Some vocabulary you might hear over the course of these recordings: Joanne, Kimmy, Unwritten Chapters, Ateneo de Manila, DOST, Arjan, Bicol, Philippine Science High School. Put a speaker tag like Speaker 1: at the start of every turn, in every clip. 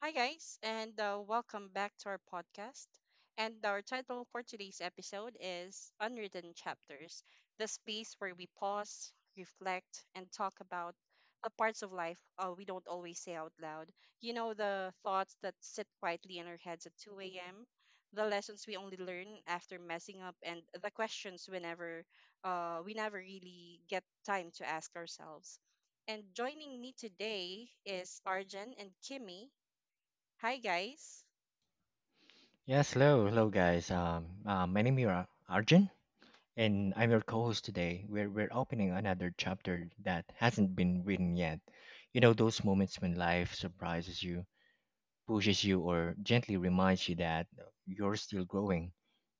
Speaker 1: Hi, guys, and welcome back to our podcast. And our title for today's episode is Unwritten Chapters, the space where we pause, reflect, and talk about the parts of life we don't always say out loud. You know, the thoughts that sit quietly in our heads at 2 a.m., the lessons we only learn after messing up, and the questions whenever we never really get time to ask ourselves. And joining me today is Arjan and Kimmy. Hi, guys.
Speaker 2: Yes, hello, hello guys. My name is Arjun, and I'm your co-host today. We're opening another chapter that hasn't been written yet. You know those moments when life surprises you, pushes you, or gently reminds you that you're still growing.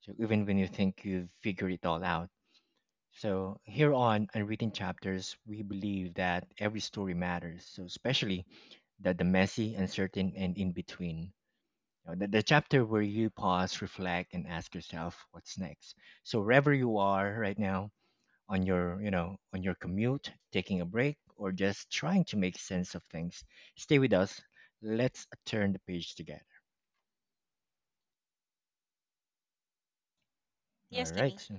Speaker 2: So even when you think you've figured it all out. So here on Unwritten Chapters, we believe that every story matters. So especially that the messy, uncertain, and in between. You know, the chapter where you pause, reflect, and ask yourself what's next. So wherever you are right now on your, on your commute, taking a break, or just trying to make sense of things, stay with us. Let's turn the page together.
Speaker 1: Yes,
Speaker 2: All right.
Speaker 1: Kimmy.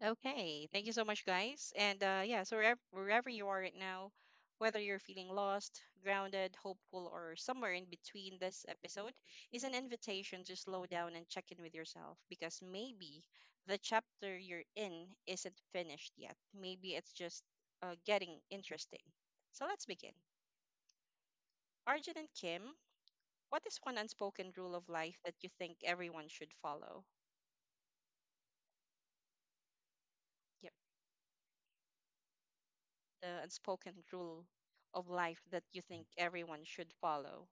Speaker 1: Okay. Thank you so much, guys. And yeah, so wherever you are right now, whether you're feeling lost, grounded, hopeful, or somewhere in between, this episode is an invitation to slow down and check in with yourself, because maybe the chapter you're in isn't finished yet. Maybe it's just getting interesting. So let's begin. Arjun and Kim, what is one unspoken rule of life that you think everyone should follow? The unspoken rule of life that you think everyone should follow.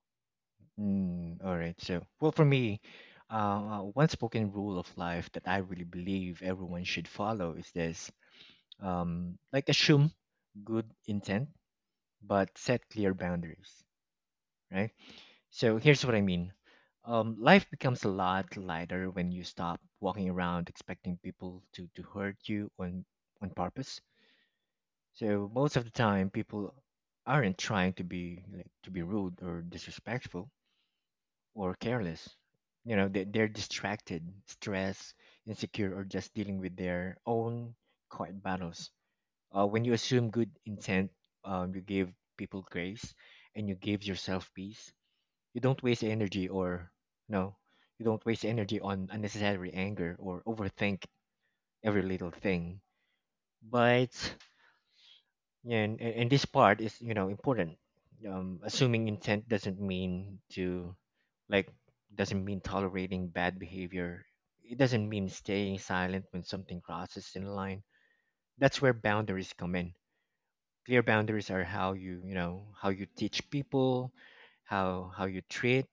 Speaker 2: All right. For me, uh, one spoken rule of life that I really believe everyone should follow is this: like assume good intent, but set clear boundaries. Right? So here's what I mean. Life becomes a lot lighter when you stop walking around expecting people to hurt you on purpose. So most of the time, people aren't trying to be like, to be rude or disrespectful or careless. You know, they're distracted, stressed, insecure, or just dealing with their own quiet battles. When you assume good intent, you give people grace and you give yourself peace. You don't waste energy, or no, you don't waste energy on unnecessary anger or overthink every little thing. But yeah, and this part is, you know, important. Assuming intent doesn't mean to like doesn't mean tolerating bad behavior. It doesn't mean staying silent when something crosses in line. That's where boundaries come in. Clear boundaries are how you you know how you teach people, how you treat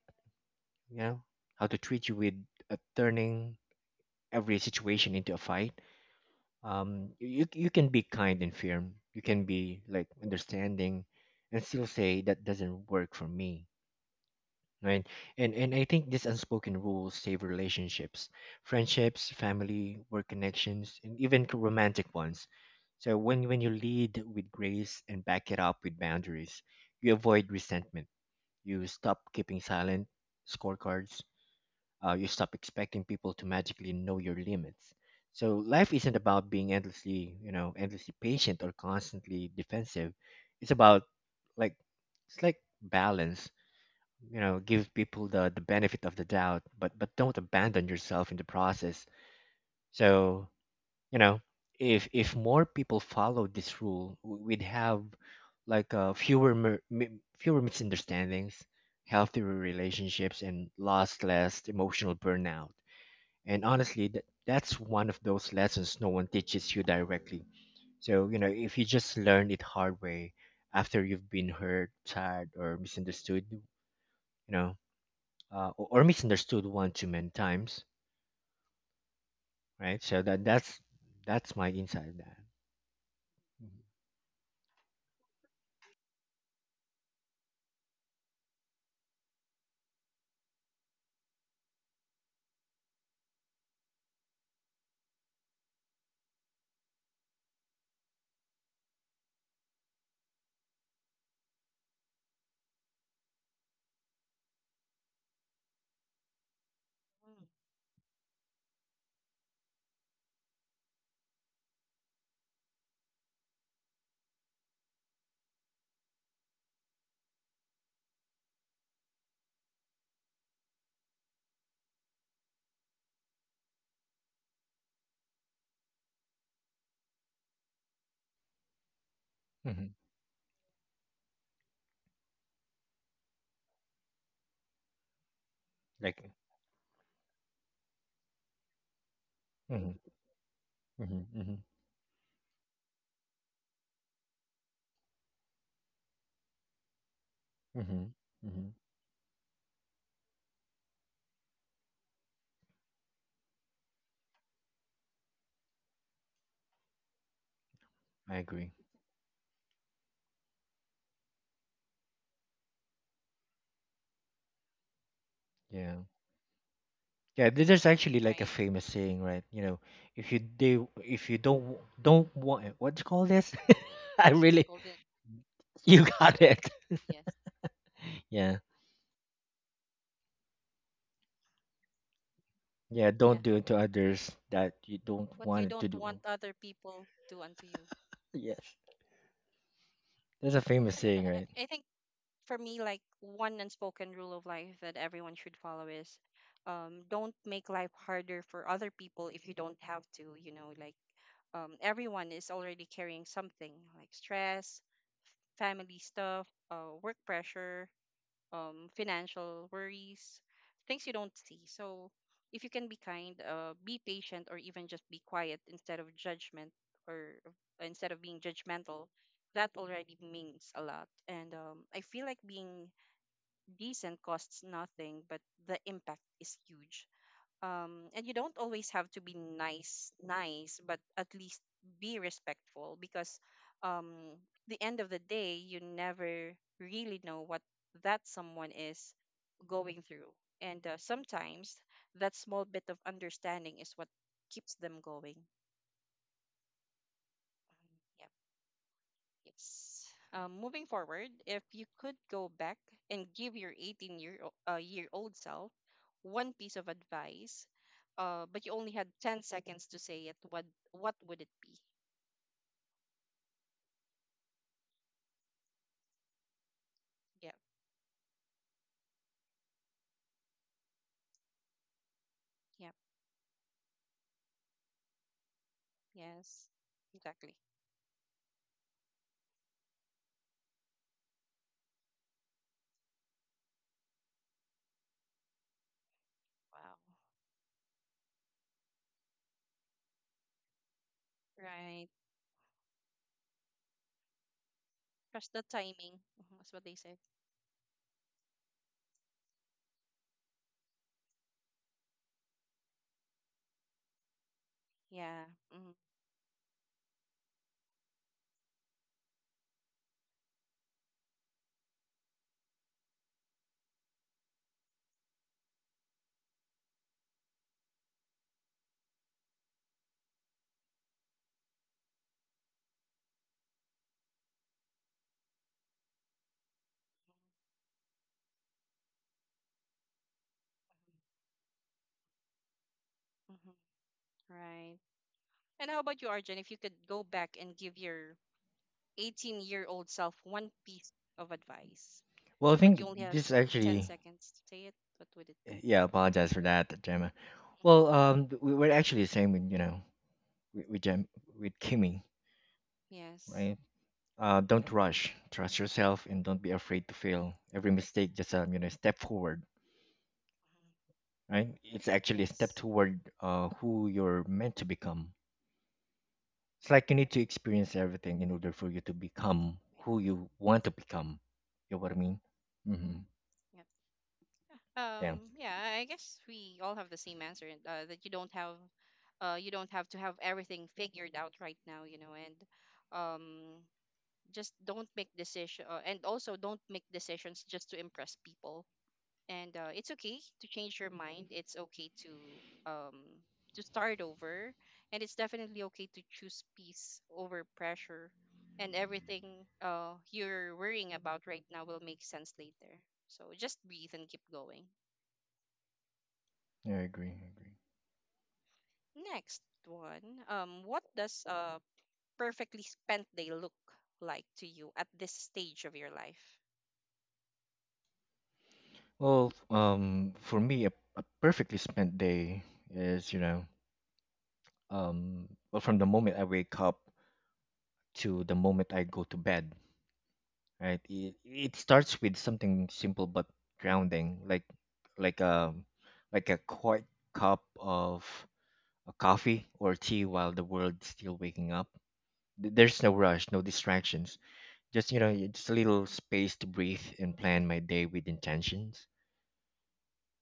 Speaker 2: you know how to treat you with turning every situation into a fight. You can be kind and firm. You can be like understanding and still say that doesn't work for me, right? And I think these unspoken rules save relationships, friendships, family, work connections, and even romantic ones. So when you lead with grace and back it up with boundaries, you avoid resentment, you stop keeping silent scorecards. You stop expecting people to magically know your limits. So life isn't about being endlessly, endlessly patient or constantly defensive. It's about like it's like balance. You know, give people the benefit of the doubt, but don't abandon yourself in the process. So you know, if more people followed this rule, we'd have like fewer fewer misunderstandings, healthier relationships, and lost less emotional burnout. And honestly, that's one of those lessons no one teaches you directly. So, you know, if you just learn it hard way after you've been hurt, tired, or misunderstood, you know, or misunderstood one too many times, right? So that's my insight of that.
Speaker 1: Mm.
Speaker 2: Mm-hmm. Like, Mm-hmm. hmm hmm hmm hmm I agree. Yeah. Yeah, there's actually like a
Speaker 1: Right?
Speaker 2: famous saying, right? You know, if you do, if you don't want, what do you call this? I
Speaker 1: The
Speaker 2: really,
Speaker 1: golden,
Speaker 2: You got it.
Speaker 1: yes.
Speaker 2: Yeah. Yeah.
Speaker 1: Yeah.
Speaker 2: Don't do to others that you don't
Speaker 1: What you
Speaker 2: want to
Speaker 1: don't want
Speaker 2: do.
Speaker 1: other people do unto you.
Speaker 2: Yes. That's a famous
Speaker 1: And I,
Speaker 2: saying, right?
Speaker 1: I I think for me, like, one unspoken rule of life that everyone should follow is, don't make life harder for other people if you don't have to. You know, like, everyone is already carrying something, like stress, family stuff, work pressure, financial worries, things you don't see. So if you can be kind, be patient, or even just be quiet instead of judgment or instead of being judgmental, that already means a lot. And I feel like being decent costs nothing, but the impact is huge, and you don't always have to be nice nice, but at least be respectful, because um the end of the day you never really know what that someone is going through, and sometimes that small bit of understanding is what keeps them going. Yeah. Yes. Moving forward, if you could go back and give your 18 year old self one piece of advice, but you only had 10 seconds to say it, what would it be? Yep. Yep. Yes. Exactly. Wow. Right. Trust the timing. Mhm. That's what they said. Yeah. Mm-hmm. Mm-hmm. Mm-hmm. Right. And how about you, Arjun? If you could go back and give your 18-year-old self one piece of advice,
Speaker 2: Well, I
Speaker 1: but you
Speaker 2: think
Speaker 1: only had
Speaker 2: this
Speaker 1: 10
Speaker 2: actually,
Speaker 1: seconds to say it, what would it be?
Speaker 2: yeah, apologize for that, Gemma.
Speaker 1: Mhm.
Speaker 2: Well, we were actually the same with, you know, Gem, with Kimmy,
Speaker 1: Yes.
Speaker 2: right?
Speaker 1: Mhm.
Speaker 2: Don't rush, trust yourself, and don't be afraid to fail. Every mistake, just, you know, step forward,
Speaker 1: Mhm.
Speaker 2: right? It's actually a step
Speaker 1: Yes.
Speaker 2: toward who you're meant to become. It's like you
Speaker 1: Yep.
Speaker 2: need to experience everything in order for you to become
Speaker 1: Yeah.
Speaker 2: who you want to become. You know what I mean? Mm-hmm.
Speaker 1: Yep.
Speaker 2: Yeah.
Speaker 1: Yeah, I guess we all have the same answer, and that you don't have, you don't have to have everything figured out right now, you know, and um, just don't make decision and also don't make decisions just to impress people, and it's okay to change your mind, it's okay um to start over, and it's definitely okay to choose peace over pressure, and everything you're worrying about right now will make sense later, so just breathe and keep going.
Speaker 2: Yeah, I agree. I agree.
Speaker 1: Yeah. Next one. What does a perfectly spent day look like to you at this stage of your life?
Speaker 2: Well, for me, a perfectly spent day is, you know, well, from the moment I wake up to the moment I go to bed, right? It starts with something simple but grounding, like a like a quiet cup of a coffee or tea while the world's still waking up. There's no rush, no distractions. Just you know, just a little space to breathe and plan my day with intentions.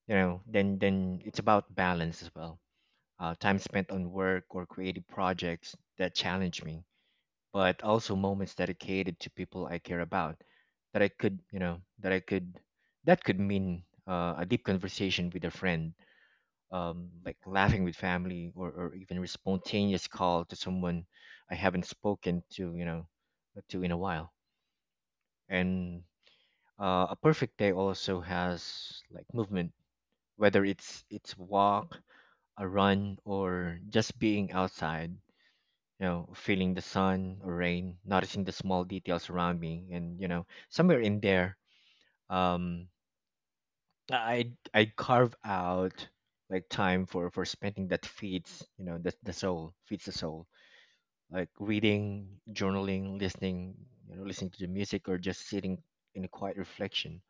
Speaker 2: Then it's about balance as well. Time spent on work or creative projects that challenge me, but also moments dedicated to people I care about, that I could, that could mean a deep conversation with a friend, like laughing with family, or even a spontaneous call to someone I haven't spoken to, in a while. And a perfect day also has like movement, whether it's walk, a run, or just being outside, you know, feeling the sun or rain, noticing the small details around me. And you know, somewhere in there, um i I carve out like time for spending that feeds, you know that the soul, feeds the soul, like reading, journaling, listening, listening to the music, or just sitting in a quiet reflection.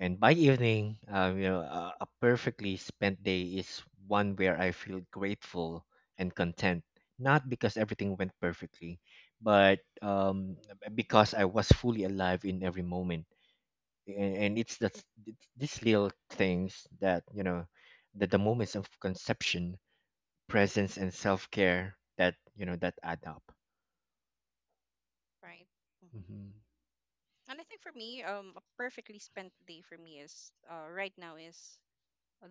Speaker 2: And by evening, you know, a perfectly spent day is one where I feel grateful and content, not because everything went perfectly, but because I was fully alive in every moment. And, it's these little things that, you know, that the moments of conception, presence, and self care that, you know, that add up.
Speaker 1: Right. Hmm.
Speaker 2: hmm
Speaker 1: And I think for me, a perfectly spent day for me is, right now, is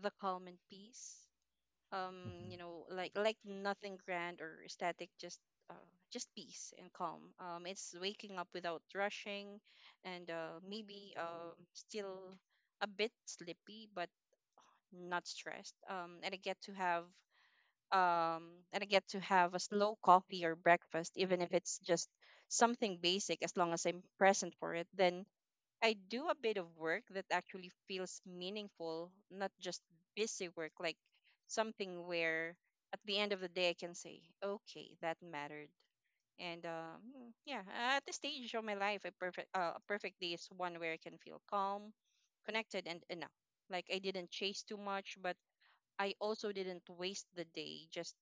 Speaker 1: the calm and peace.
Speaker 2: hmm
Speaker 1: You know, like nothing grand or static, uh, just peace and calm. It's waking up without rushing, and maybe still a bit sleepy, but not stressed. And I get to have a slow coffee or breakfast, even if it's just something basic. As long as I'm present for it, then I do a bit of work that actually feels meaningful, not just busy work, like something where at the end of the day I can say, okay, that mattered. And yeah, at the stage of my life, a perfect day is one where I can feel calm, connected, and enough. Like I didn't chase too much, but I also didn't waste the day. Just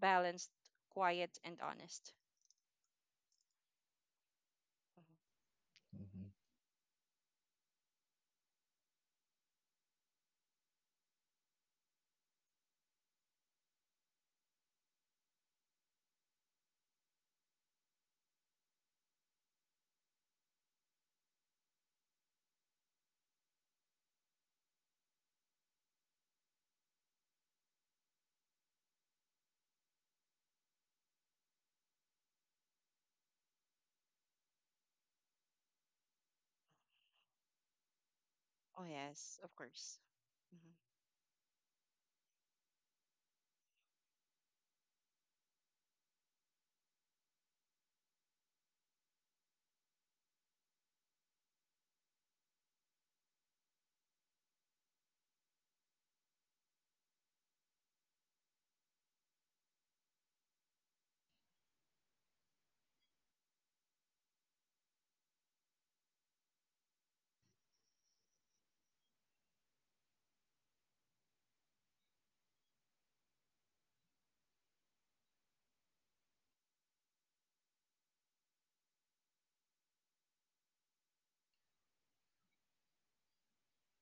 Speaker 1: balanced, quiet, and honest. Mhm.
Speaker 2: hmm
Speaker 1: Oh, yes, of course. Hmm.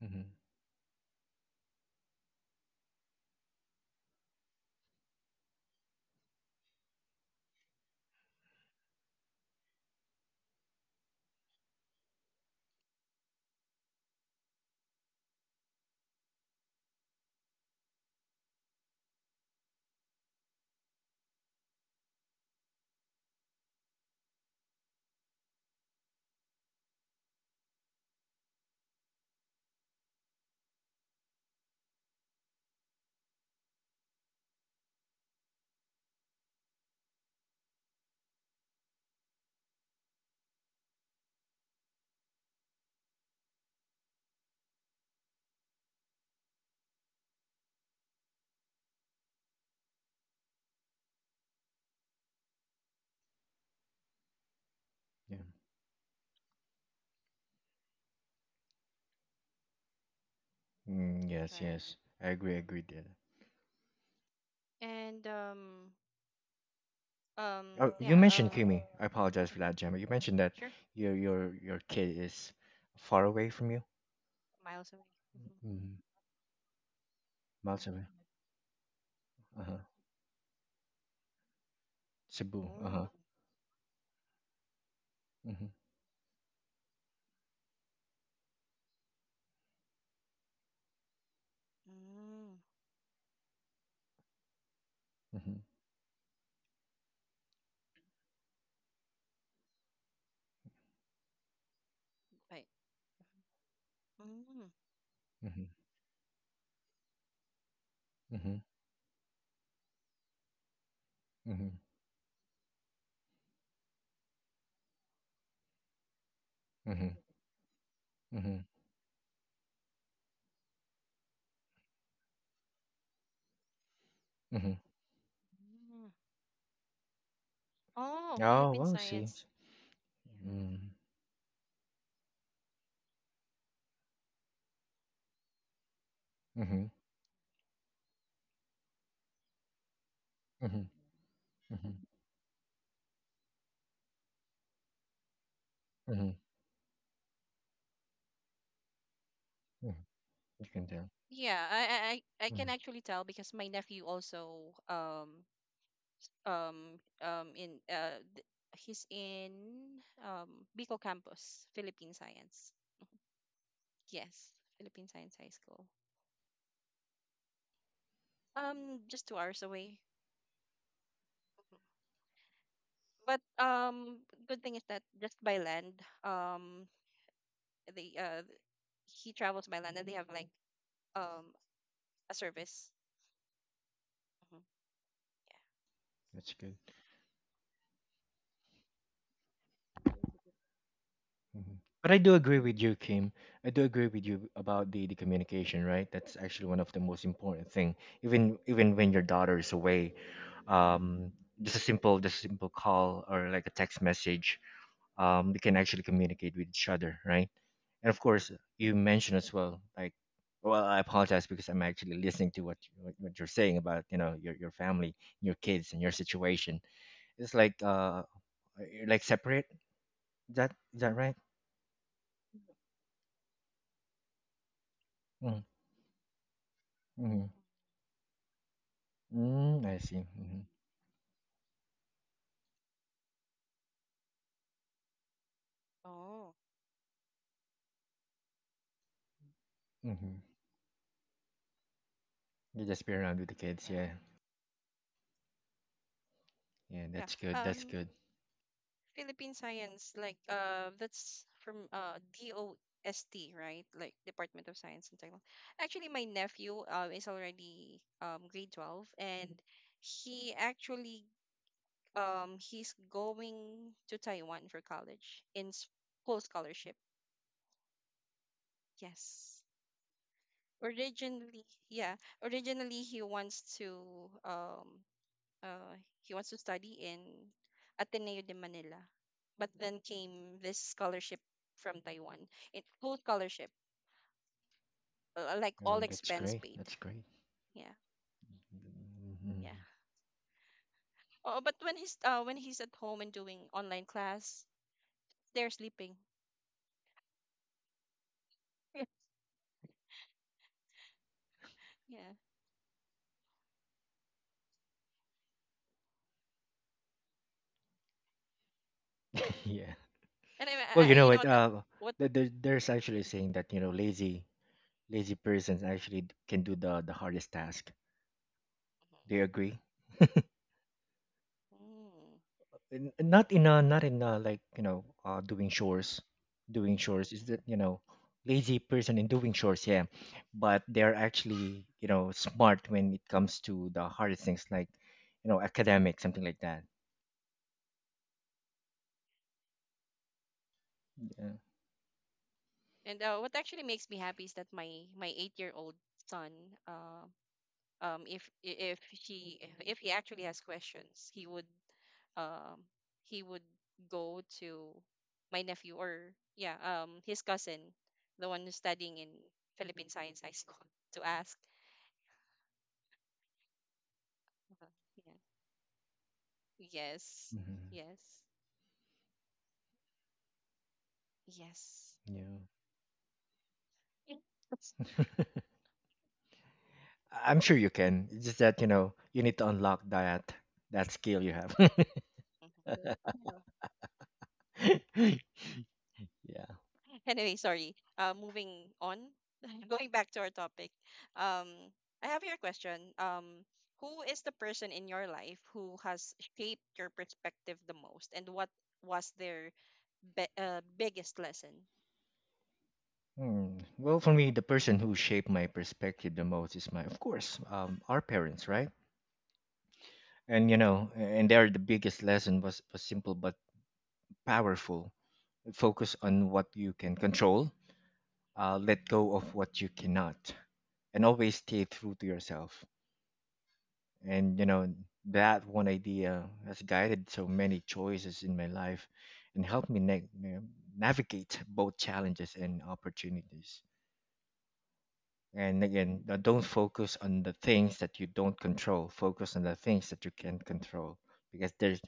Speaker 2: hmm Yeah. Mm, yes,
Speaker 1: Right.
Speaker 2: yes. I agree, dear.
Speaker 1: And
Speaker 2: Oh, you
Speaker 1: yeah,
Speaker 2: mentioned Kimi. I apologize for
Speaker 1: mhm,
Speaker 2: that, Gemma. You mentioned that
Speaker 1: sure.
Speaker 2: your your kid is far away from you,
Speaker 1: Miles away. Mm-hmm.
Speaker 2: mm-hmm, miles away. Uh huh. Cebu. Uh
Speaker 1: Mm-hmm.
Speaker 2: huh. Mhm. Mhm.
Speaker 1: But mm. Mm.
Speaker 2: Mhm. Mhm. Mhm. Mhm. Mhm. Mhm.
Speaker 1: Oh,
Speaker 2: Oh,
Speaker 1: Philippine
Speaker 2: well, see.
Speaker 1: science. Yeah.
Speaker 2: Mm. Mhm. Mhm. Mhm. Mhm. Mhm. You can tell.
Speaker 1: Yeah, I can
Speaker 2: Mhm.
Speaker 1: actually tell, because my nephew also, um um in uh th- he's in Bicol campus, Philippine science. Yes, Philippine Science High School. Just 2 hours away. But, good thing is that just by land, um they he travels by land, and they have like um a service. Hmm. Yeah.
Speaker 2: That's good. Mhm. But I do agree with you, Kim. I do agree with you about the communication, right? That's actually one of the most important thing. Even when your daughter is away, um, just a simple call or like a text message, we can actually communicate with each other, right? And of course
Speaker 1: Hmm.
Speaker 2: you mentioned as well, like, well, I apologize because I'm actually listening to what you're saying about, you know, your family, your kids, and your situation. It's like, you're like separate, is that, is that right? Mm-hmm. Mm-hmm. I see. Mm-hmm.
Speaker 1: Oh,
Speaker 2: Mm-hmm. You just be around with the kids.
Speaker 1: yeah,
Speaker 2: Yeah. Yeah,
Speaker 1: yeah.
Speaker 2: that's good, that's
Speaker 1: um
Speaker 2: good.
Speaker 1: Philippine science, like, that's from, DOST, right? Like, Department of Science and Technology. Actually, my nephew, is already grade 12, and he actually, he's going to Taiwan for college, full scholarship. Yes. Originally, yeah. Originally, he wants um uh to study in Ateneo de Manila, but then came this scholarship from Taiwan. It full scholarship, like, all
Speaker 2: Oh, that's
Speaker 1: expense
Speaker 2: great,
Speaker 1: paid.
Speaker 2: that's great.
Speaker 1: Yeah,
Speaker 2: Mhm.
Speaker 1: yeah. Oh, but when he's, when he's at home and doing online class, they're sleeping. Yeah.
Speaker 2: Yeah.
Speaker 1: And
Speaker 2: Well, you know
Speaker 1: you know
Speaker 2: what?
Speaker 1: what I, what.
Speaker 2: There's actually
Speaker 1: Mhm,
Speaker 2: saying that you know lazy persons actually can do the hardest task.
Speaker 1: mhm,
Speaker 2: Do you agree? Not in a, like, you know, doing chores, doing
Speaker 1: mhm.
Speaker 2: chores, is that, you know, lazy person in doing chores, yeah, but they're actually, you know, smart when it comes to the hardest things, like, you know, academic, something like that. Yeah.
Speaker 1: And what actually makes me happy is that my 8-year-old son, uh, um, if if he if he actually has questions, he would, um he would go to my nephew, or, yeah, his cousin, the one who's studying in Philippine Science High School, to ask. Uh, yeah. Yes.
Speaker 2: hmm
Speaker 1: Yes. Yes.
Speaker 2: Yeah. I'm sure you can. It's just that you know you need to unlock that skill you have.
Speaker 1: Mhm.
Speaker 2: Yeah.
Speaker 1: Anyway, sorry. Moving on, going back to our topic. Um, I have your question. Who is the person in your life who has shaped your perspective the most, and what was their biggest lesson?
Speaker 2: Hmm. Well, for me, the person who shaped my perspective the most is my, of course, our parents, right? And you know, and there the biggest lesson was simple but powerful. Focus on what you can control. Let go of what you cannot, and always stay true to yourself. And you know, that one idea has guided so many choices in my life, and helped me navigate both challenges and opportunities. And again, don't focus on the things that you don't control. Focus on the things that you can control. Because there's,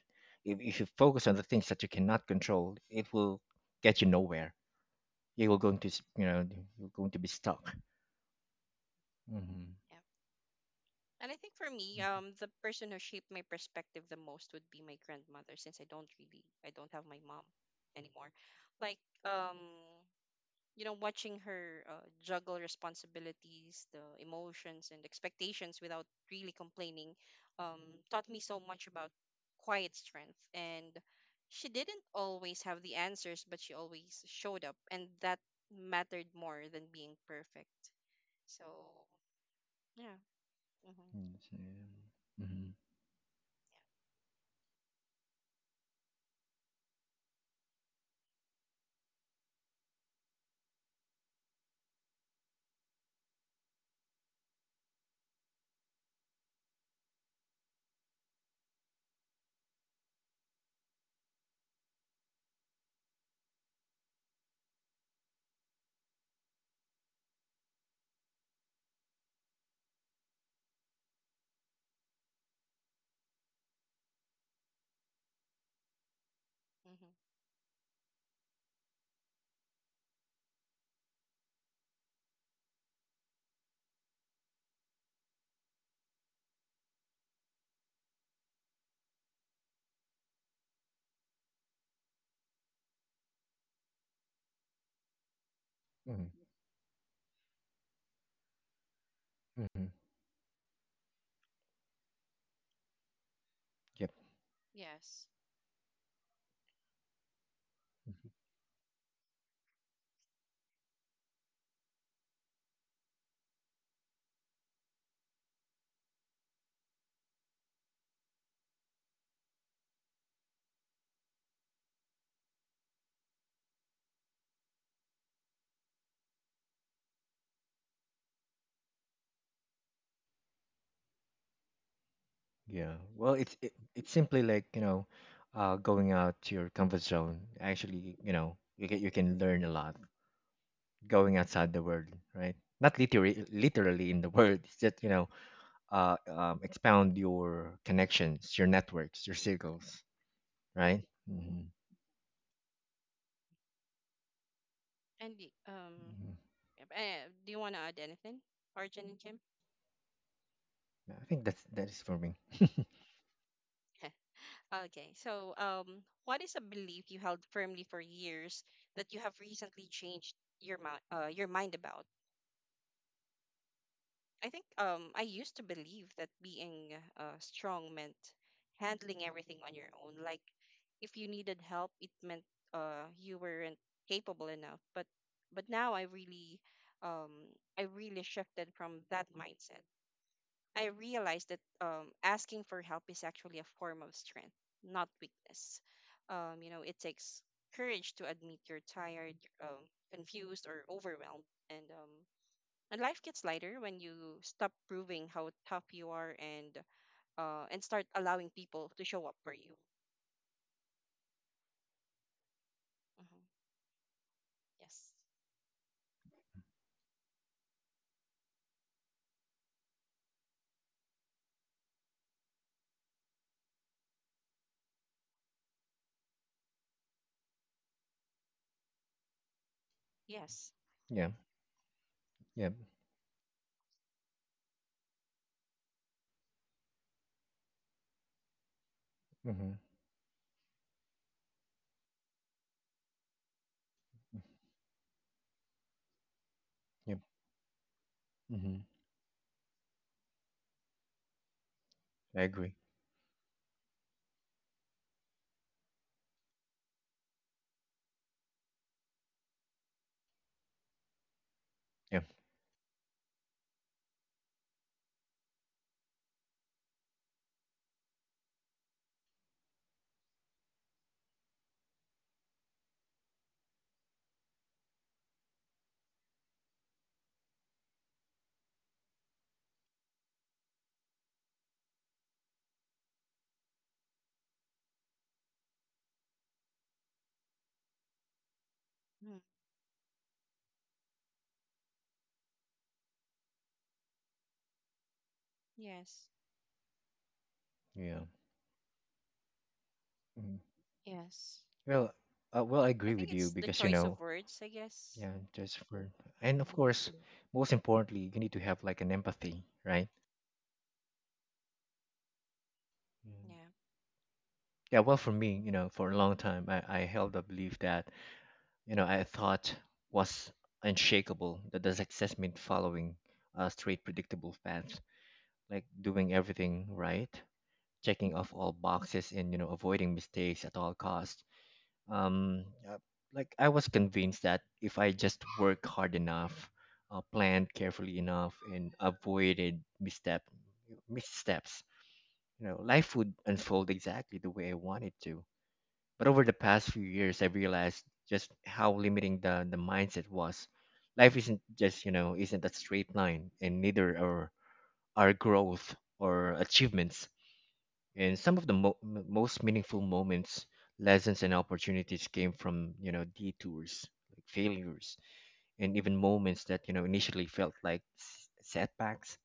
Speaker 2: if you focus on the things that you cannot control, it will get you nowhere. You will going to, you're going to be stuck. Mm-hmm.
Speaker 1: Yeah. And I think for me,
Speaker 2: Mm-hmm.
Speaker 1: the person who shaped my perspective the most would be my grandmother, since I don't have my mom anymore. Like, you know, watching her, juggle responsibilities, the emotions and expectations without really complaining, um, taught me so much about quiet strength. And she didn't always have the answers, but she always showed up, and that mattered more than being perfect. So yeah, mm-hmm.
Speaker 2: Mm-hmm.
Speaker 1: Yeah, mm-hmm.
Speaker 2: Mm-hmm. Mm-hmm. Yep.
Speaker 1: Yes.
Speaker 2: Mhm. Yeah. Well, it's simply like you know, going out to your comfort zone. Actually, you know, you can learn a lot going outside the world, right? Not literally, literally in the world. It's just you know, expound your connections, your networks, your circles, right? Mm-hmm.
Speaker 1: And
Speaker 2: Mm-hmm.
Speaker 1: yep. Do you want to add anything, Arjun and Kim?
Speaker 2: Yeah, I think that's that is for me.
Speaker 1: Okay, so what is a belief you held firmly for years that you have recently changed your mind about? I think, I used to believe that being, strong meant handling everything on your own. Like, if you needed help, it meant you weren't capable enough. but now, I really shifted from that mindset. I realized that, asking for help is actually a form of strength, not weakness. You know, it takes courage to admit you're tired, um, confused, or overwhelmed, and and life gets lighter when you stop proving how tough you are, and and start allowing people to show up for you. Hmm. Yes. Yes.
Speaker 2: Yeah, yeah, mm-hmm. Yep, mm-hmm. I agree. Yeah,
Speaker 1: Mm. Yes.
Speaker 2: yeah. hmm
Speaker 1: Yes.
Speaker 2: Well, well, I
Speaker 1: I
Speaker 2: agree with
Speaker 1: think
Speaker 2: you
Speaker 1: it's the
Speaker 2: because you
Speaker 1: choice
Speaker 2: know,
Speaker 1: of words, I guess.
Speaker 2: yeah, just for and
Speaker 1: Hmm.
Speaker 2: of course, most importantly, you need to have like an empathy, right? Mm.
Speaker 1: Yeah.
Speaker 2: Yeah, well, for me, you know, for a long time, I held the belief that I thought was unshakable, that the success meant following a straight, predictable path, like doing everything right, checking off all boxes, and avoiding mistakes at all costs. um uh, like, I was convinced that if I just worked hard enough, planned carefully enough, and avoided missteps, life would unfold exactly the way I wanted to. But over the past few years, I realized just how limiting the mindset was. Life isn't just, you know, isn't a straight line, and neither are our growth or achievements. And some of the most meaningful moments, lessons, and opportunities came from, detours, like failures, and even moments that, initially felt like setbacks.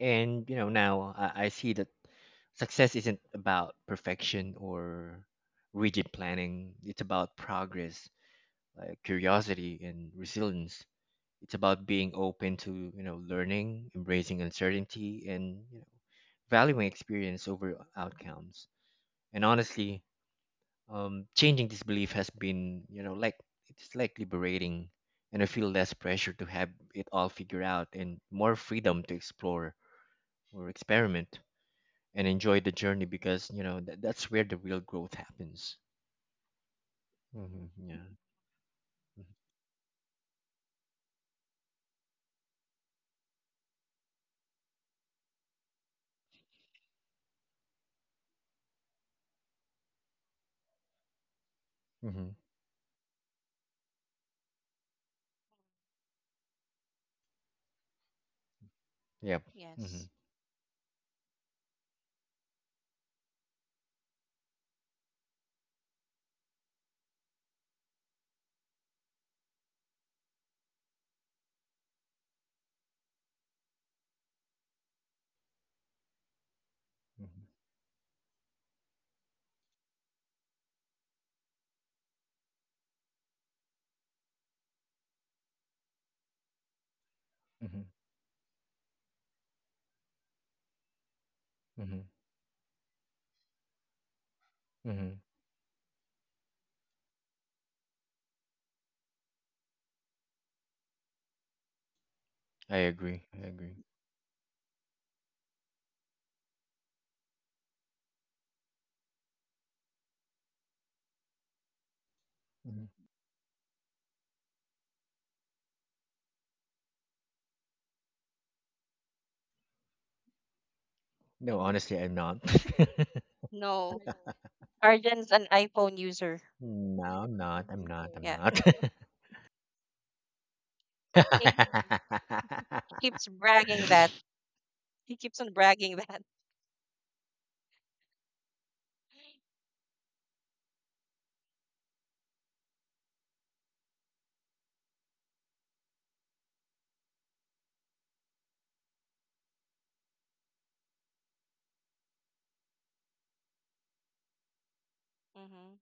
Speaker 2: And now I see that success isn't about perfection or rigid planning. It's about progress, like curiosity and resilience. It's about being open to learning, embracing uncertainty, and valuing experience over outcomes. And honestly, changing this belief has been, like, liberating, and I feel less pressure to have it all figured out and more freedom to explore or experiment and enjoy the journey, because that's where the real growth happens. Mm-hmm. Yeah. Mm-hmm. Yep. Mm-hmm.
Speaker 1: Yes.
Speaker 2: Mm-hmm. Mm-hmm. Mm-hmm. I agree. I agree. Hmm. No,
Speaker 1: Mm-hmm.
Speaker 2: honestly, I'm not.
Speaker 1: No. Arjan's an iPhone user.
Speaker 2: No, I'm not, I'm not, I'm
Speaker 1: Yeah.
Speaker 2: not.
Speaker 1: He, he keeps bragging that. He keeps on bragging that. Mm-hmm.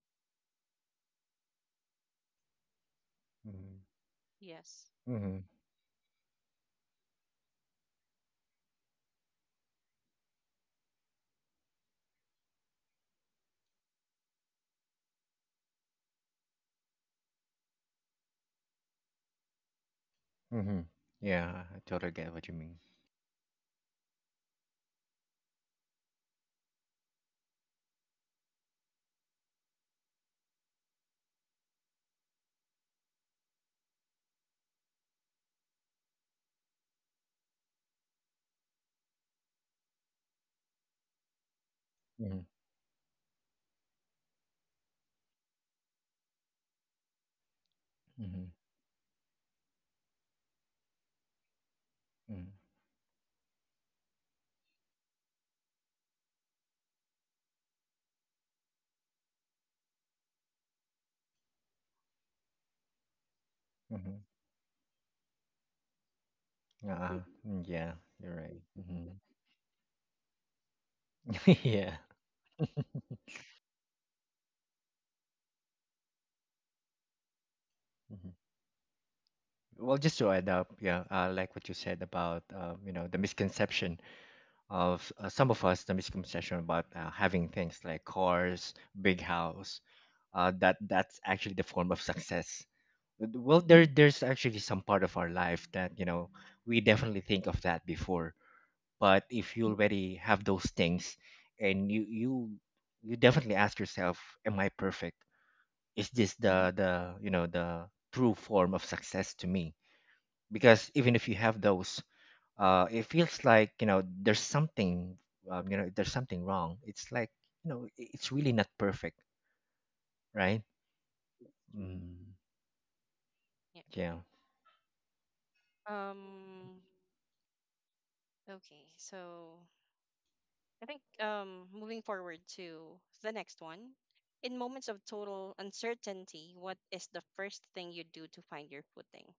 Speaker 2: Mm-hmm.
Speaker 1: Yes.
Speaker 2: Mm-hmm. Mm-hmm. Yeah, I totally get what you mean. Mm-hmm. Mm-hmm. Mm-hmm. Uh, yeah, you're right. Mm-hmm. Yeah. Well, just to add up, yeah, I like what you said about the misconception of, some of us, the misconception about, having things like cars, big house, that's actually the form of success. But, well, there's actually some part of our life that we definitely think of that before. But if you already have those things, and you definitely ask yourself, am I perfect? Is this the you know the true form of success to me? Because even if you have those, it feels like, there's something, there's something wrong. It's like, it's really not perfect, right? Mm,
Speaker 1: Yeah.
Speaker 2: yeah.
Speaker 1: Um. Okay. So I think moving forward to the next one. In moments of total uncertainty, what is the first thing you do to find your footing?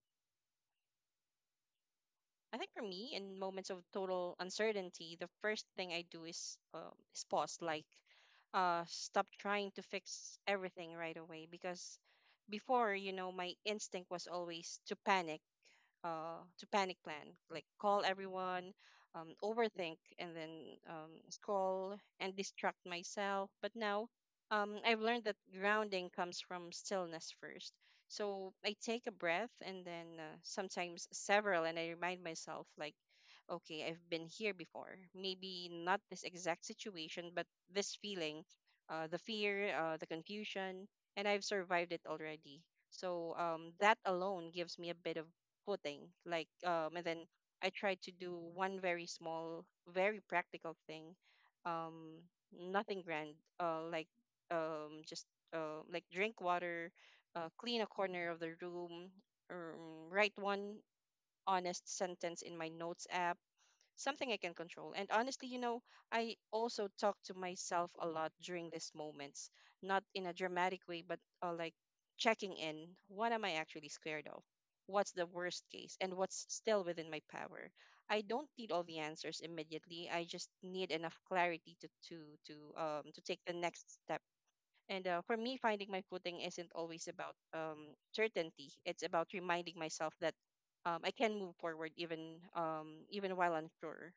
Speaker 1: I think for me, in moments of total uncertainty, the first thing I do is pause, like, stop trying to fix everything right away. Because before, you know, my instinct was always to panic plan, like call everyone, overthink, and then scroll and distract myself. But now, I've learned that grounding comes from stillness first. So I take a breath, and then sometimes several, and I remind myself, like, okay, I've been here before. Maybe not this exact situation, but this feeling, the fear, the confusion, and I've survived it already. So that alone gives me a bit of pudding, and then I tried to do one very small, very practical thing, um nothing grand, like, just, like, drink water, clean a corner of the room, write one honest sentence in my notes app, something I can control. And honestly, you know, I also talk to myself a lot during these moments, not in a dramatic way, but like, checking in. What am I actually scared of? What's the worst case? And what's still within my power? I don't need all the answers immediately. I just need enough clarity to to take the next step. And for me, finding my footing isn't always about certainty. It's about reminding myself that I can move forward even even while unsure.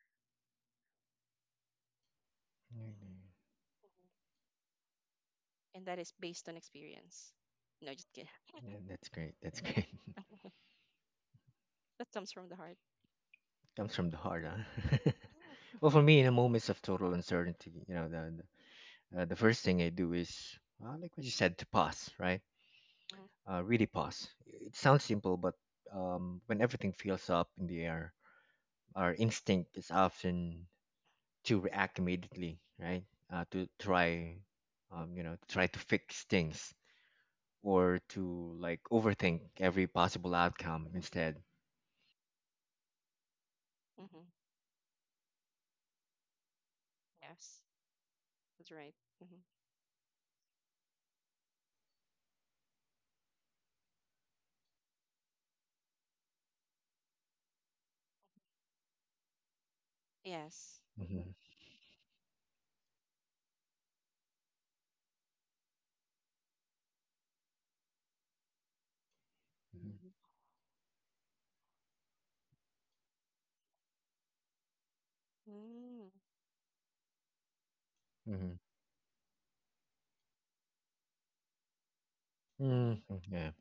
Speaker 2: Mm,
Speaker 1: And that is based on experience. No, just kidding.
Speaker 2: yeah, that's great, that's great.
Speaker 1: That comes from the heart.
Speaker 2: Comes from the heart, huh? Well, for me, in the moments of total uncertainty, the first thing I do is, like what you said, to pause, right?
Speaker 1: Mm-hmm.
Speaker 2: Really pause. It sounds simple, but when everything feels up in the air, our instinct is often to react immediately, right? Uh, to try, to try to fix things, or to, like, overthink every possible outcome instead.
Speaker 1: Hmm. Yes, that's right. Hmm. Yes.
Speaker 2: Mm-hmm. Mm
Speaker 1: Mm-hmm.
Speaker 2: hmm. Mm-hmm.
Speaker 1: Mm-hmm.
Speaker 2: Mm-hmm. Yeah.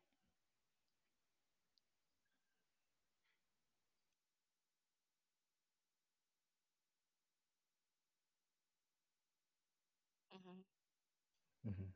Speaker 1: Mm-hmm.
Speaker 2: Mm-hmm.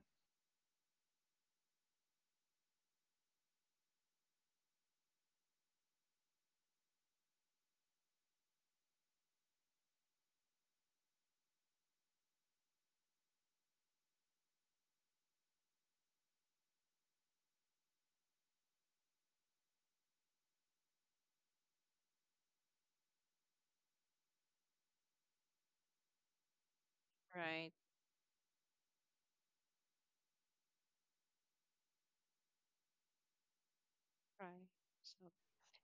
Speaker 1: Right. Right. So,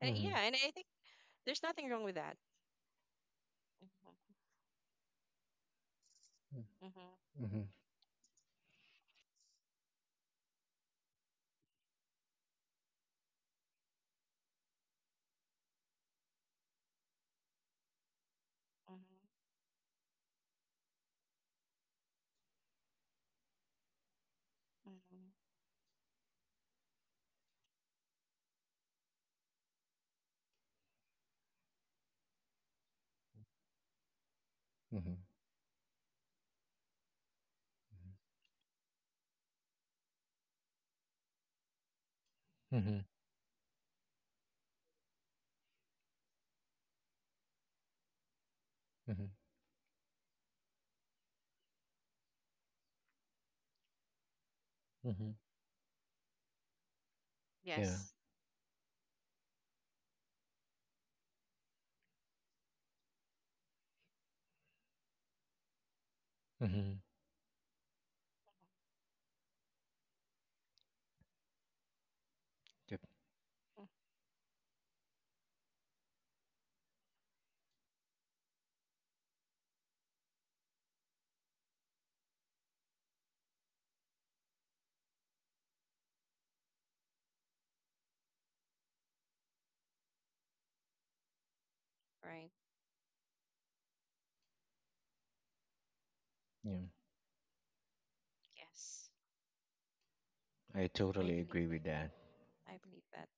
Speaker 1: and yeah, and I think there's nothing wrong with that. Mm-hmm. Mm-hmm.
Speaker 2: Mm-hmm. Mm-hmm.
Speaker 1: Mm-hmm. Hmm.
Speaker 2: Mm-hmm. Mm-hmm. Mm-hmm. Mm-hmm. Yeah.
Speaker 1: Yes.
Speaker 2: Mm-hmm. Yep.
Speaker 1: Mm. Right.
Speaker 2: Yeah.
Speaker 1: Yes.
Speaker 2: I
Speaker 1: I
Speaker 2: totally
Speaker 1: believe.
Speaker 2: agree with that.
Speaker 1: I believe that.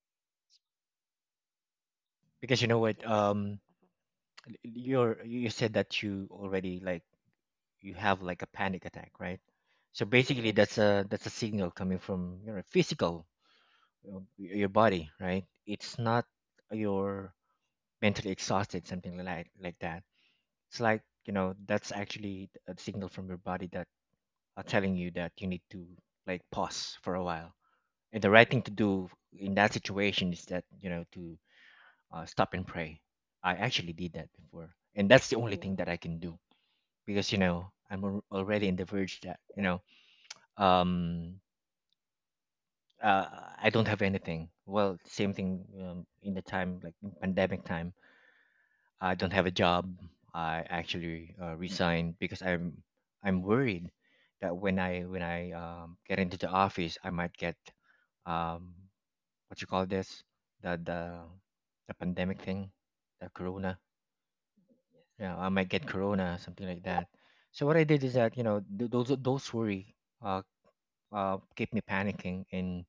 Speaker 2: Because you know
Speaker 1: I
Speaker 2: what,
Speaker 1: guess. Mm-hmm.
Speaker 2: you said that you already, like, you have, like, a panic attack, right? So basically, that's a signal coming from your physical, your body, right? It's not your mentally exhausted, something like that. It's like, that's actually a signal from your body that are telling you that you need to, like, pause for a while. And the right thing to do in that situation is that, to stop and pray. I actually did that before, and that's the only thing that I can do, because I'm already in the verge that, um uh, I don't have anything. Well, same thing, in the time, like, in pandemic time, I don't have a job. I actually resigned because I'm worried that when I get into the office, I might get, um what you call this, the the the pandemic thing, the corona. Yeah, I might get corona, something like that. So what I did is that, those worry, uh, keep me panicking. And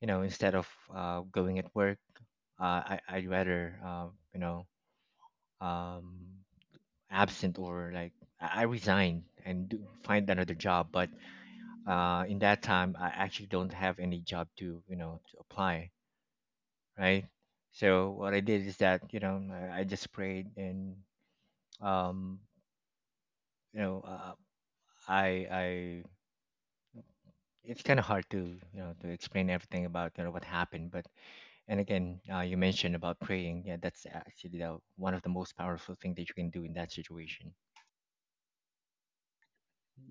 Speaker 2: instead of going at work, I'd rather, you know um, absent, or like I resign and find another job. But in that time, I actually don't have any job to, to apply, right? So what I did is that, I just prayed. And um, you know I I it's kind of hard to, to explain everything about what happened, but... And again, you mentioned about praying. Yeah, that's actually one of the most powerful thing that you can do in that situation.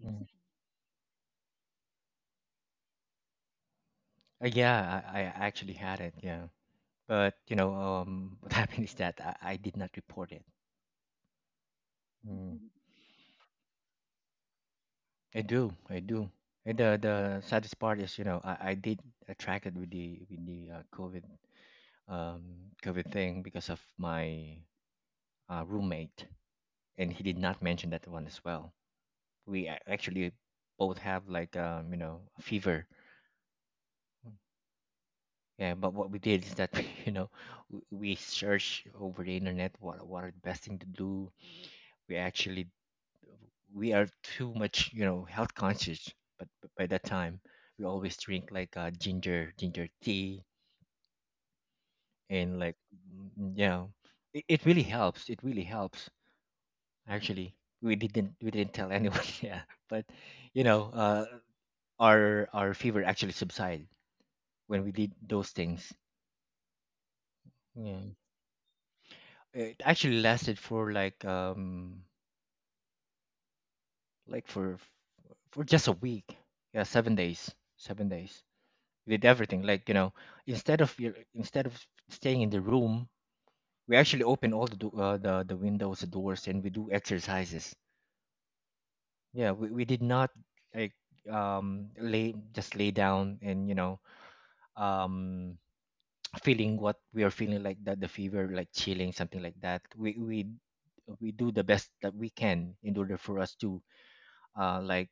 Speaker 2: Mm. Yeah, I actually had it. Yeah, but what happened is that I did not report it. Mm. I do, I do. And the saddest part is, I did attracted with the um COVID thing because of my roommate, and he did not mention that one as well. We actually both have, like, a fever. Yeah, but what we did is that, we, you know we searched over the internet what are the best thing to do. We actually we are too much, health conscious, but by that time we always drink, like, ginger tea, and like, mm, yeah, it really helps. It really helps actually. We didn't tell anyone. Yeah, but you know uh, our fever actually subsided when we did those things. Yeah. It actually lasted for, like, like, for just a week. Yeah, 7 days. 7 days. We did everything. Like, instead of staying in the room, we actually open all the windows, the doors, and we do exercises. Yeah, we did not, like, lay just lay down, and um feeling what we are feeling, like that, the fever, like chilling, something like that. We do the best that we can in order for us to, like,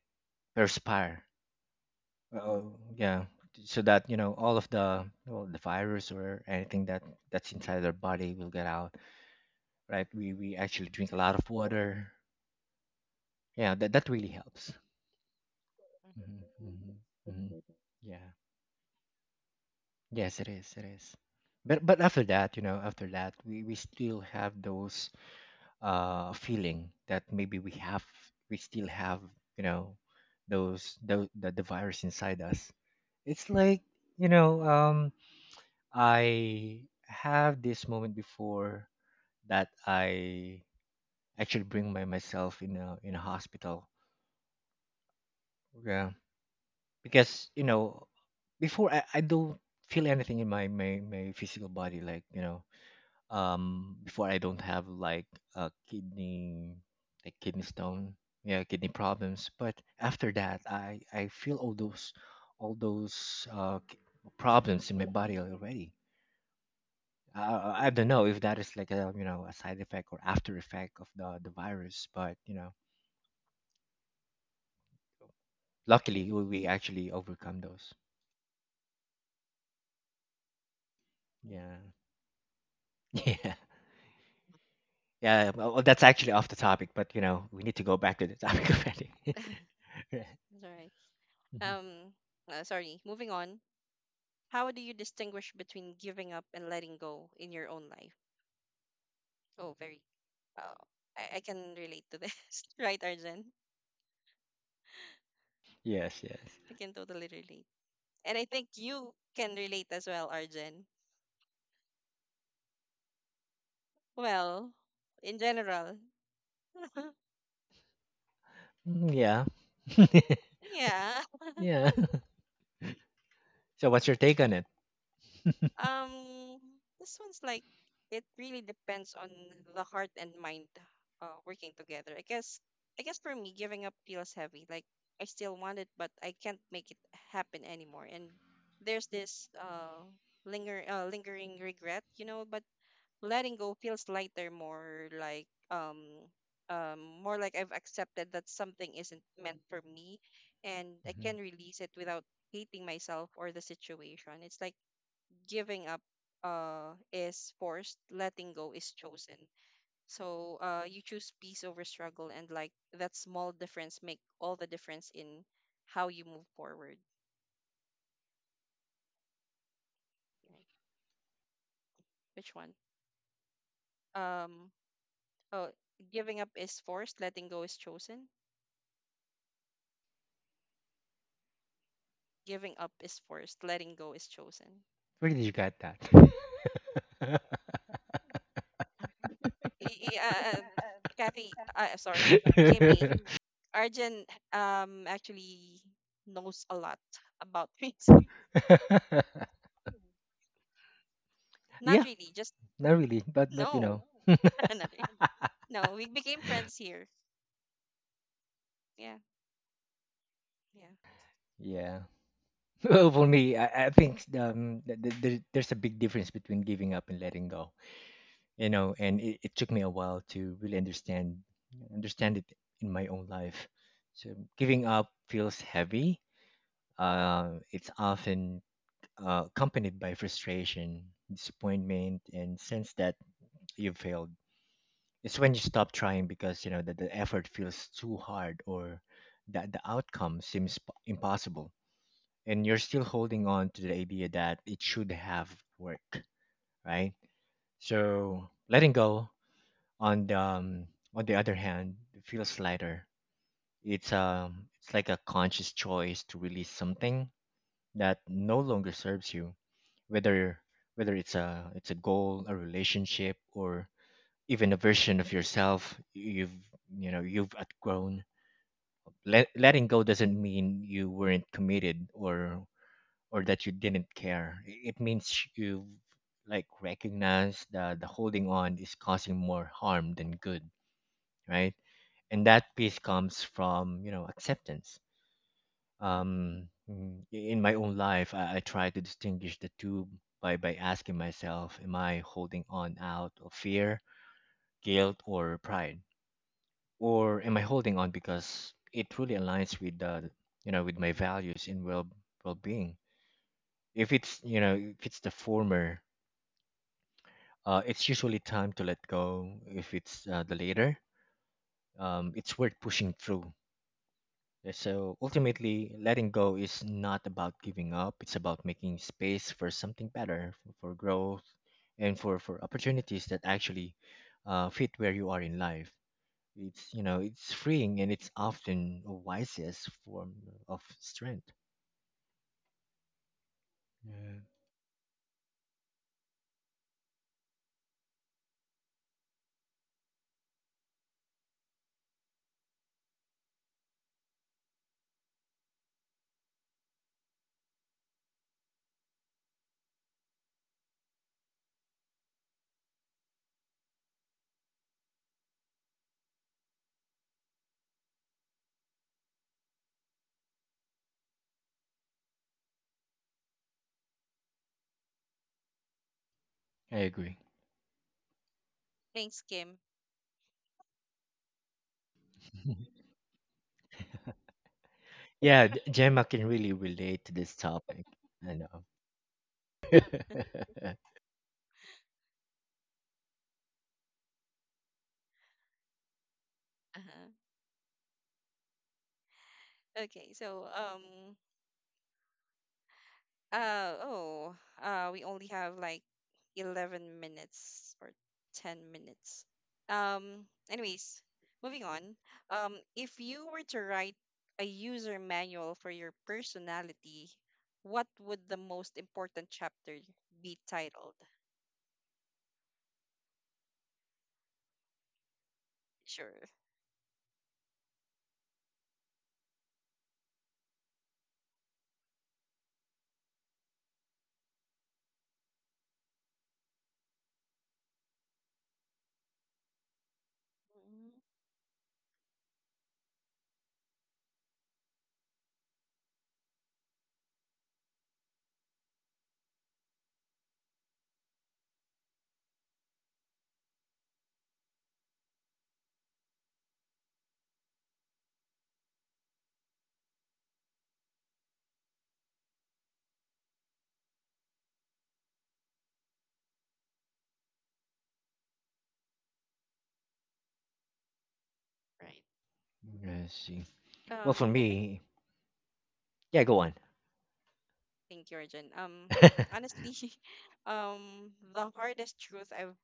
Speaker 2: or... Oh, yeah, so that, all of the, well, the virus or anything that's inside our body will get out, right? We actually drink a lot of water. Yeah, that really helps.
Speaker 1: Mm-hmm.
Speaker 2: Hmm. Hmm. Hmm. Yeah. Yes, it is, it is. But after that, we still have those, feeling that maybe we still have, you know those, the virus inside us. It's like, you know um I have this moment before, that I actually bring by myself in a hospital. Yeah, because before, I don't feel anything in my physical body, like, before I don't have, like, a kidney, like, kidney stone, yeah, kidney problems. But after that, I feel all those, all those uh k- problems in my body already, I don't know if that is, like, a, a side effect or after effect of the virus, but luckily we actually overcome those. Yeah, yeah, yeah. Well, that's actually off the topic, but we need to go back to the topic already. Right.
Speaker 1: That's all right.
Speaker 2: Mhm.
Speaker 1: Um. Sorry. Moving on. How do you distinguish between giving up and letting go in your own life? Oh, very. Uh, I can relate to this, right, Arjen?
Speaker 2: Yes, yes.
Speaker 1: I can totally relate. And I think you can relate as well, Arjen. Well, in general,
Speaker 2: Mm, yeah,
Speaker 1: yeah.
Speaker 2: yeah. So, what's your take on it?
Speaker 1: Um, this one's like it really depends on the heart and mind working together. I guess for me, giving up feels heavy. Like I still want it, but I can't make it happen anymore. And there's this lingering regret, you know, but letting go feels lighter, more like I've accepted that something isn't meant for me and I
Speaker 2: Mhm.
Speaker 1: can release it without hating myself or the situation. It's like giving up is forced, letting go is chosen. So you choose peace over struggle, and like that small difference make all the difference in how you move forward. Right. Which one? Um oh Giving up is forced, letting go is chosen. Giving up is forced, letting go is chosen.
Speaker 2: Where did you get that?
Speaker 1: Y- y- Uh, uh, Sorry, Kimmy, Arjun actually knows a lot about me. So not
Speaker 2: Yeah,
Speaker 1: really, just
Speaker 2: not really, but
Speaker 1: no. Not really. No, we became friends here. Yeah, yeah.
Speaker 2: yeah. Well, for me, I think, there's a big difference between giving up and letting go. And it took me a while to really understand it in my own life. So giving up feels heavy. It's often, accompanied by frustration, disappointment, and sense that you failed. It's when you stop trying because you know that the effort feels too hard, or that the outcome seems impossible, and you're still holding on to the idea that it should have worked, right? So letting go, on the um, on the other hand, feels lighter. It's like a conscious choice to release something that no longer serves you, whether it's a goal, a relationship, or even a version of yourself you've you know you've outgrown. Letting go doesn't mean you weren't committed, or that you didn't care. It means you've, like, recognized that the holding on is causing more harm than good, right? And that peace comes from acceptance. In my own life, I try to distinguish the two by asking myself, am I holding on out of fear, guilt, or pride, or am I holding on because it truly aligns with the you know with my values and well being? If it's the former, it's usually time to let go if it's, the later. It's worth pushing through. Yeah, so ultimately, letting go is not about giving up. It's about making space for something better, for growth, and for opportunities that actually fit where you are in life. It's you know it's freeing, and it's often a wisest form of strength. Yeah. I agree.
Speaker 1: Thanks, Kim.
Speaker 2: Yeah, Gemma can really relate to this topic. I know.
Speaker 1: Uh-huh. Okay, so Uh oh. We only have like 11 minutes or 10 minutes. Anyways, moving on. If you were to write a user manual for your personality, what would the most important chapter be titled? Sure. Mhm. Right.
Speaker 2: I see. Well, for
Speaker 1: I think
Speaker 2: me, yeah, go on.
Speaker 1: thank you, Arjun. Honestly, the hardest truth I've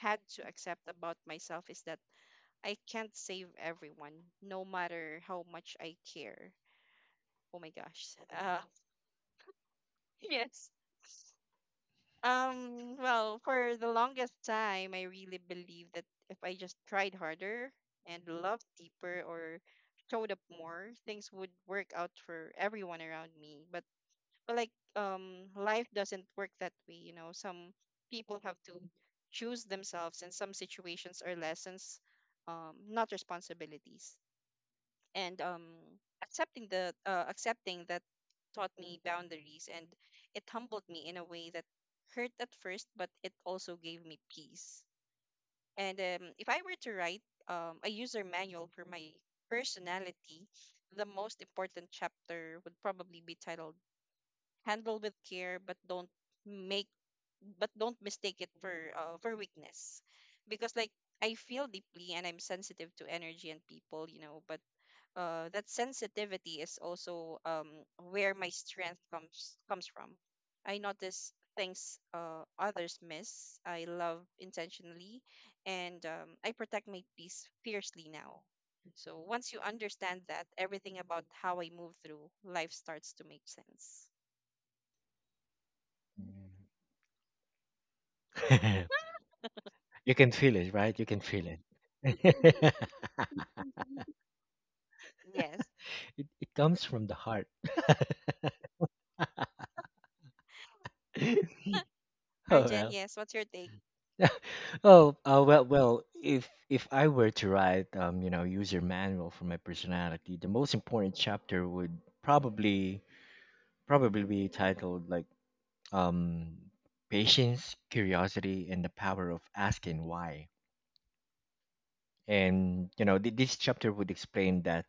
Speaker 1: had to accept about myself is that I can't save everyone, no matter how much I care. Oh my gosh. Yes. Well, for the longest time, I really believed that if I just tried harder and loved deeper or showed up more, things would work out for everyone around me. But like, life doesn't work that way, you know. Some people have to choose themselves, and some situations are lessons, not responsibilities. And accepting the accepting that taught me boundaries, and it humbled me in a way that hurt at first, but it also gave me peace. And if I were to write a user manual for my personality, the most important chapter would probably be titled handle with care, but don't make but don't mistake it for weakness, because like I feel deeply and I'm sensitive to energy and people, you know, but that sensitivity is also where my strength comes from. I notice things others miss. I love intentionally, and I protect my peace fiercely now. So once you understand that, everything about how I move through life starts to make sense.
Speaker 2: You can feel it, right? You can feel it. it,
Speaker 1: Yes.
Speaker 2: it comes
Speaker 1: Mhm.
Speaker 2: from the heart. Oh
Speaker 1: Arjen.
Speaker 2: well.
Speaker 1: Yes, what's your take?
Speaker 2: Oh. If I were to write, user manual for my personality, the most important chapter would probably probably be titled like um, patience, curiosity, and the power of asking why. And you know, this chapter would explain that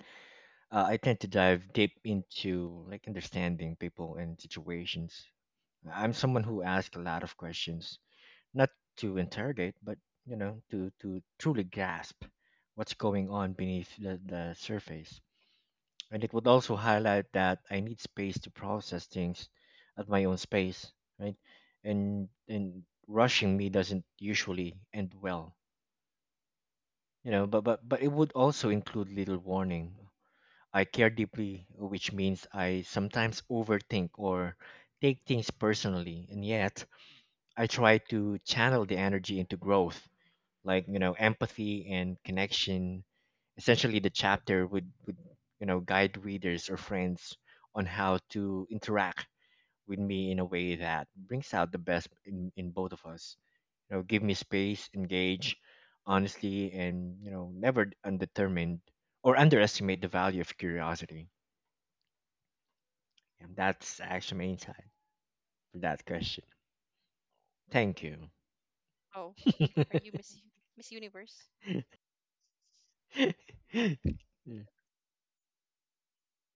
Speaker 2: I tend to dive deep into like understanding people and situations. I'm someone who asks a lot of questions, not to interrogate, but you know, to truly grasp what's going on beneath the surface. And it would also highlight that I need space to process things at my own space, right? And rushing me doesn't usually end well, you know. But it would also include little warning I care deeply, which means I sometimes overthink or take things personally, and yet I try to channel the energy into growth, like you know, empathy and connection. Essentially, the chapter would guide readers or friends on how to interact with me in a way that brings out the best in both of us. You know, give me space, engage honestly, and you know, never undetermined or underestimate the value of curiosity. And that's actually my insight for that question. Thank you.
Speaker 1: Oh, are you Miss Universe?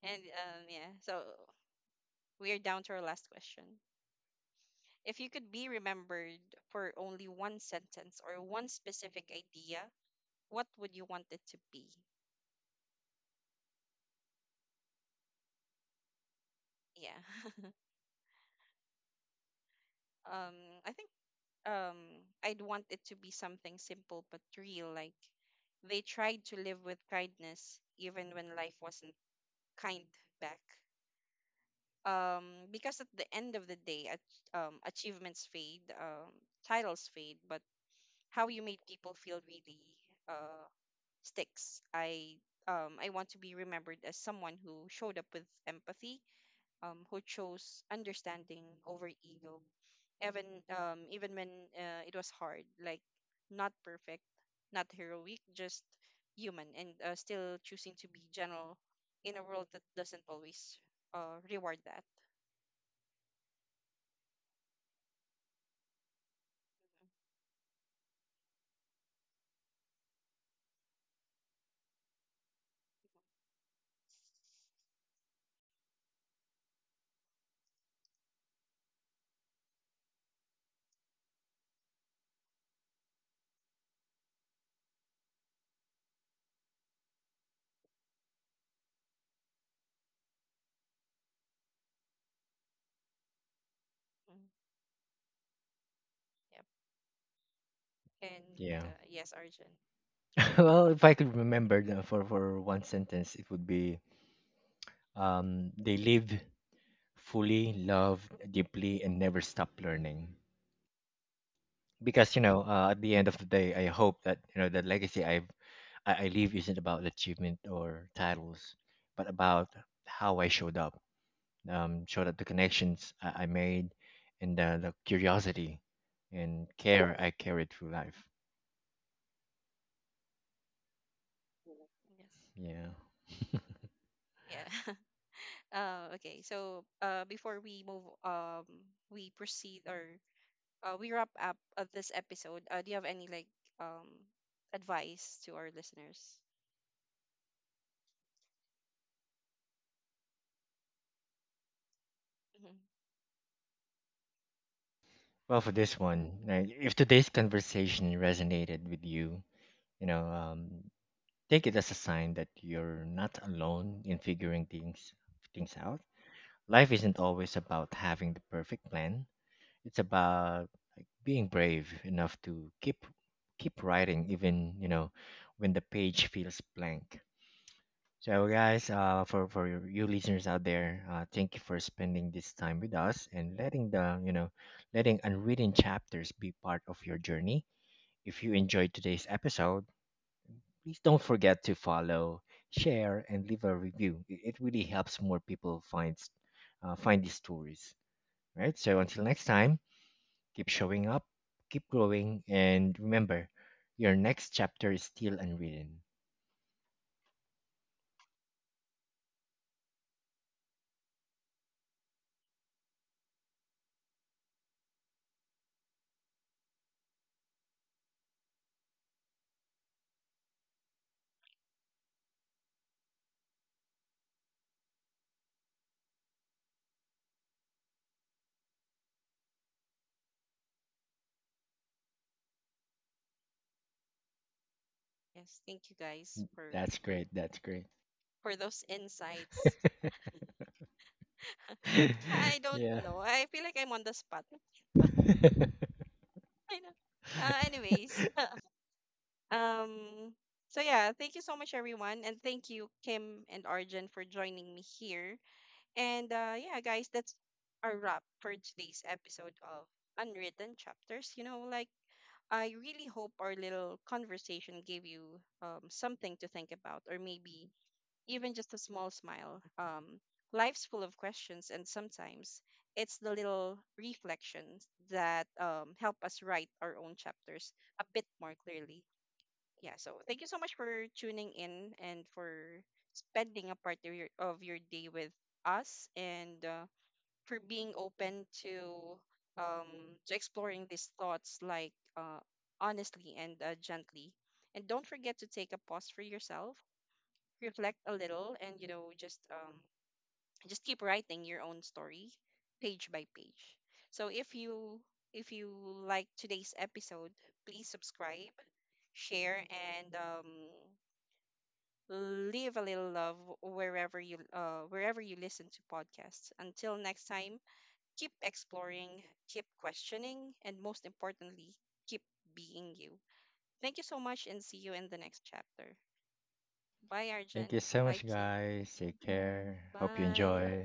Speaker 1: And yeah, so we are down to our last question. If you could be remembered for only one sentence or one specific idea, what would you want it to be? Yeah. um, I think I'd want it to be something simple but real. Like they tried to live with kindness even when life wasn't kind back. Because at the end of the day, achievements fade, titles fade, but how you made people feel really uh, sticks. I want to be remembered as someone who showed up with empathy, who chose understanding over ego, even even when it was hard. Like not perfect, not heroic, just human, and still choosing to be general in a world that doesn't always reward that. Mm. Yep. And
Speaker 2: Yeah.
Speaker 1: yes, Arjun.
Speaker 2: Well, if I could remember the, for one sentence, it would be they live fully, love deeply, and never stop learning. Because at the end of the day, I hope that you know the legacy I leave isn't about achievement or titles, but about how I showed up show that the connections I made and the curiosity and care I carried through life.
Speaker 1: Yes.
Speaker 2: Yeah.
Speaker 1: Yeah. Okay. So before we move, we proceed or we wrap up of this episode, do you have any like um advice to our listeners? Hmm.
Speaker 2: Well, for this one, like, if today's conversation resonated with you, you know, take it as a sign that you're not alone in figuring things out. Life isn't always about having the perfect plan. It's about being brave enough to keep writing, even you know, when the page feels blank. So, guys, for you listeners out there, thank you for spending this time with us and letting the you know, letting unwritten chapters be part of your journey. If you enjoyed today's episode, please don't forget to follow, share, and leave a review. It really helps more people find these stories. Right. So until next time, keep showing up, keep growing, and remember, your next chapter is still unwritten.
Speaker 1: Yes, thank you guys for
Speaker 2: That's great. That's great.
Speaker 1: those insights. I don't
Speaker 2: Yeah.
Speaker 1: know. I feel like I'm on the spot. But I know. Anyways, um, so yeah, thank you so much, everyone, and thank you, Kim and Arjun, for joining me here. And yeah, guys, that's our wrap for today's episode of Unwritten Chapters. You know, like I really hope our little conversation gave you something to think about, or maybe even just a small smile. Life's full of questions, and sometimes it's the little reflections that help us write our own chapters a bit more clearly. Yeah, so thank you so much for tuning in and for spending a part of your day with us. And for being open to exploring these thoughts like honestly and gently. And don't forget to take a pause for yourself, reflect a little, and you know just keep writing your own story page by page. So if you if you like today's episode, please subscribe, share, and leave a little love wherever you listen to podcasts. Until next time, keep exploring, keep questioning, and most importantly, keep being you. Thank you so much and see you in the next chapter. Bye,
Speaker 2: Thank you
Speaker 1: Arjun.
Speaker 2: so
Speaker 1: Bye,
Speaker 2: much,
Speaker 1: Kim.
Speaker 2: guys. Take care. Hope you
Speaker 1: Bye.
Speaker 2: enjoy.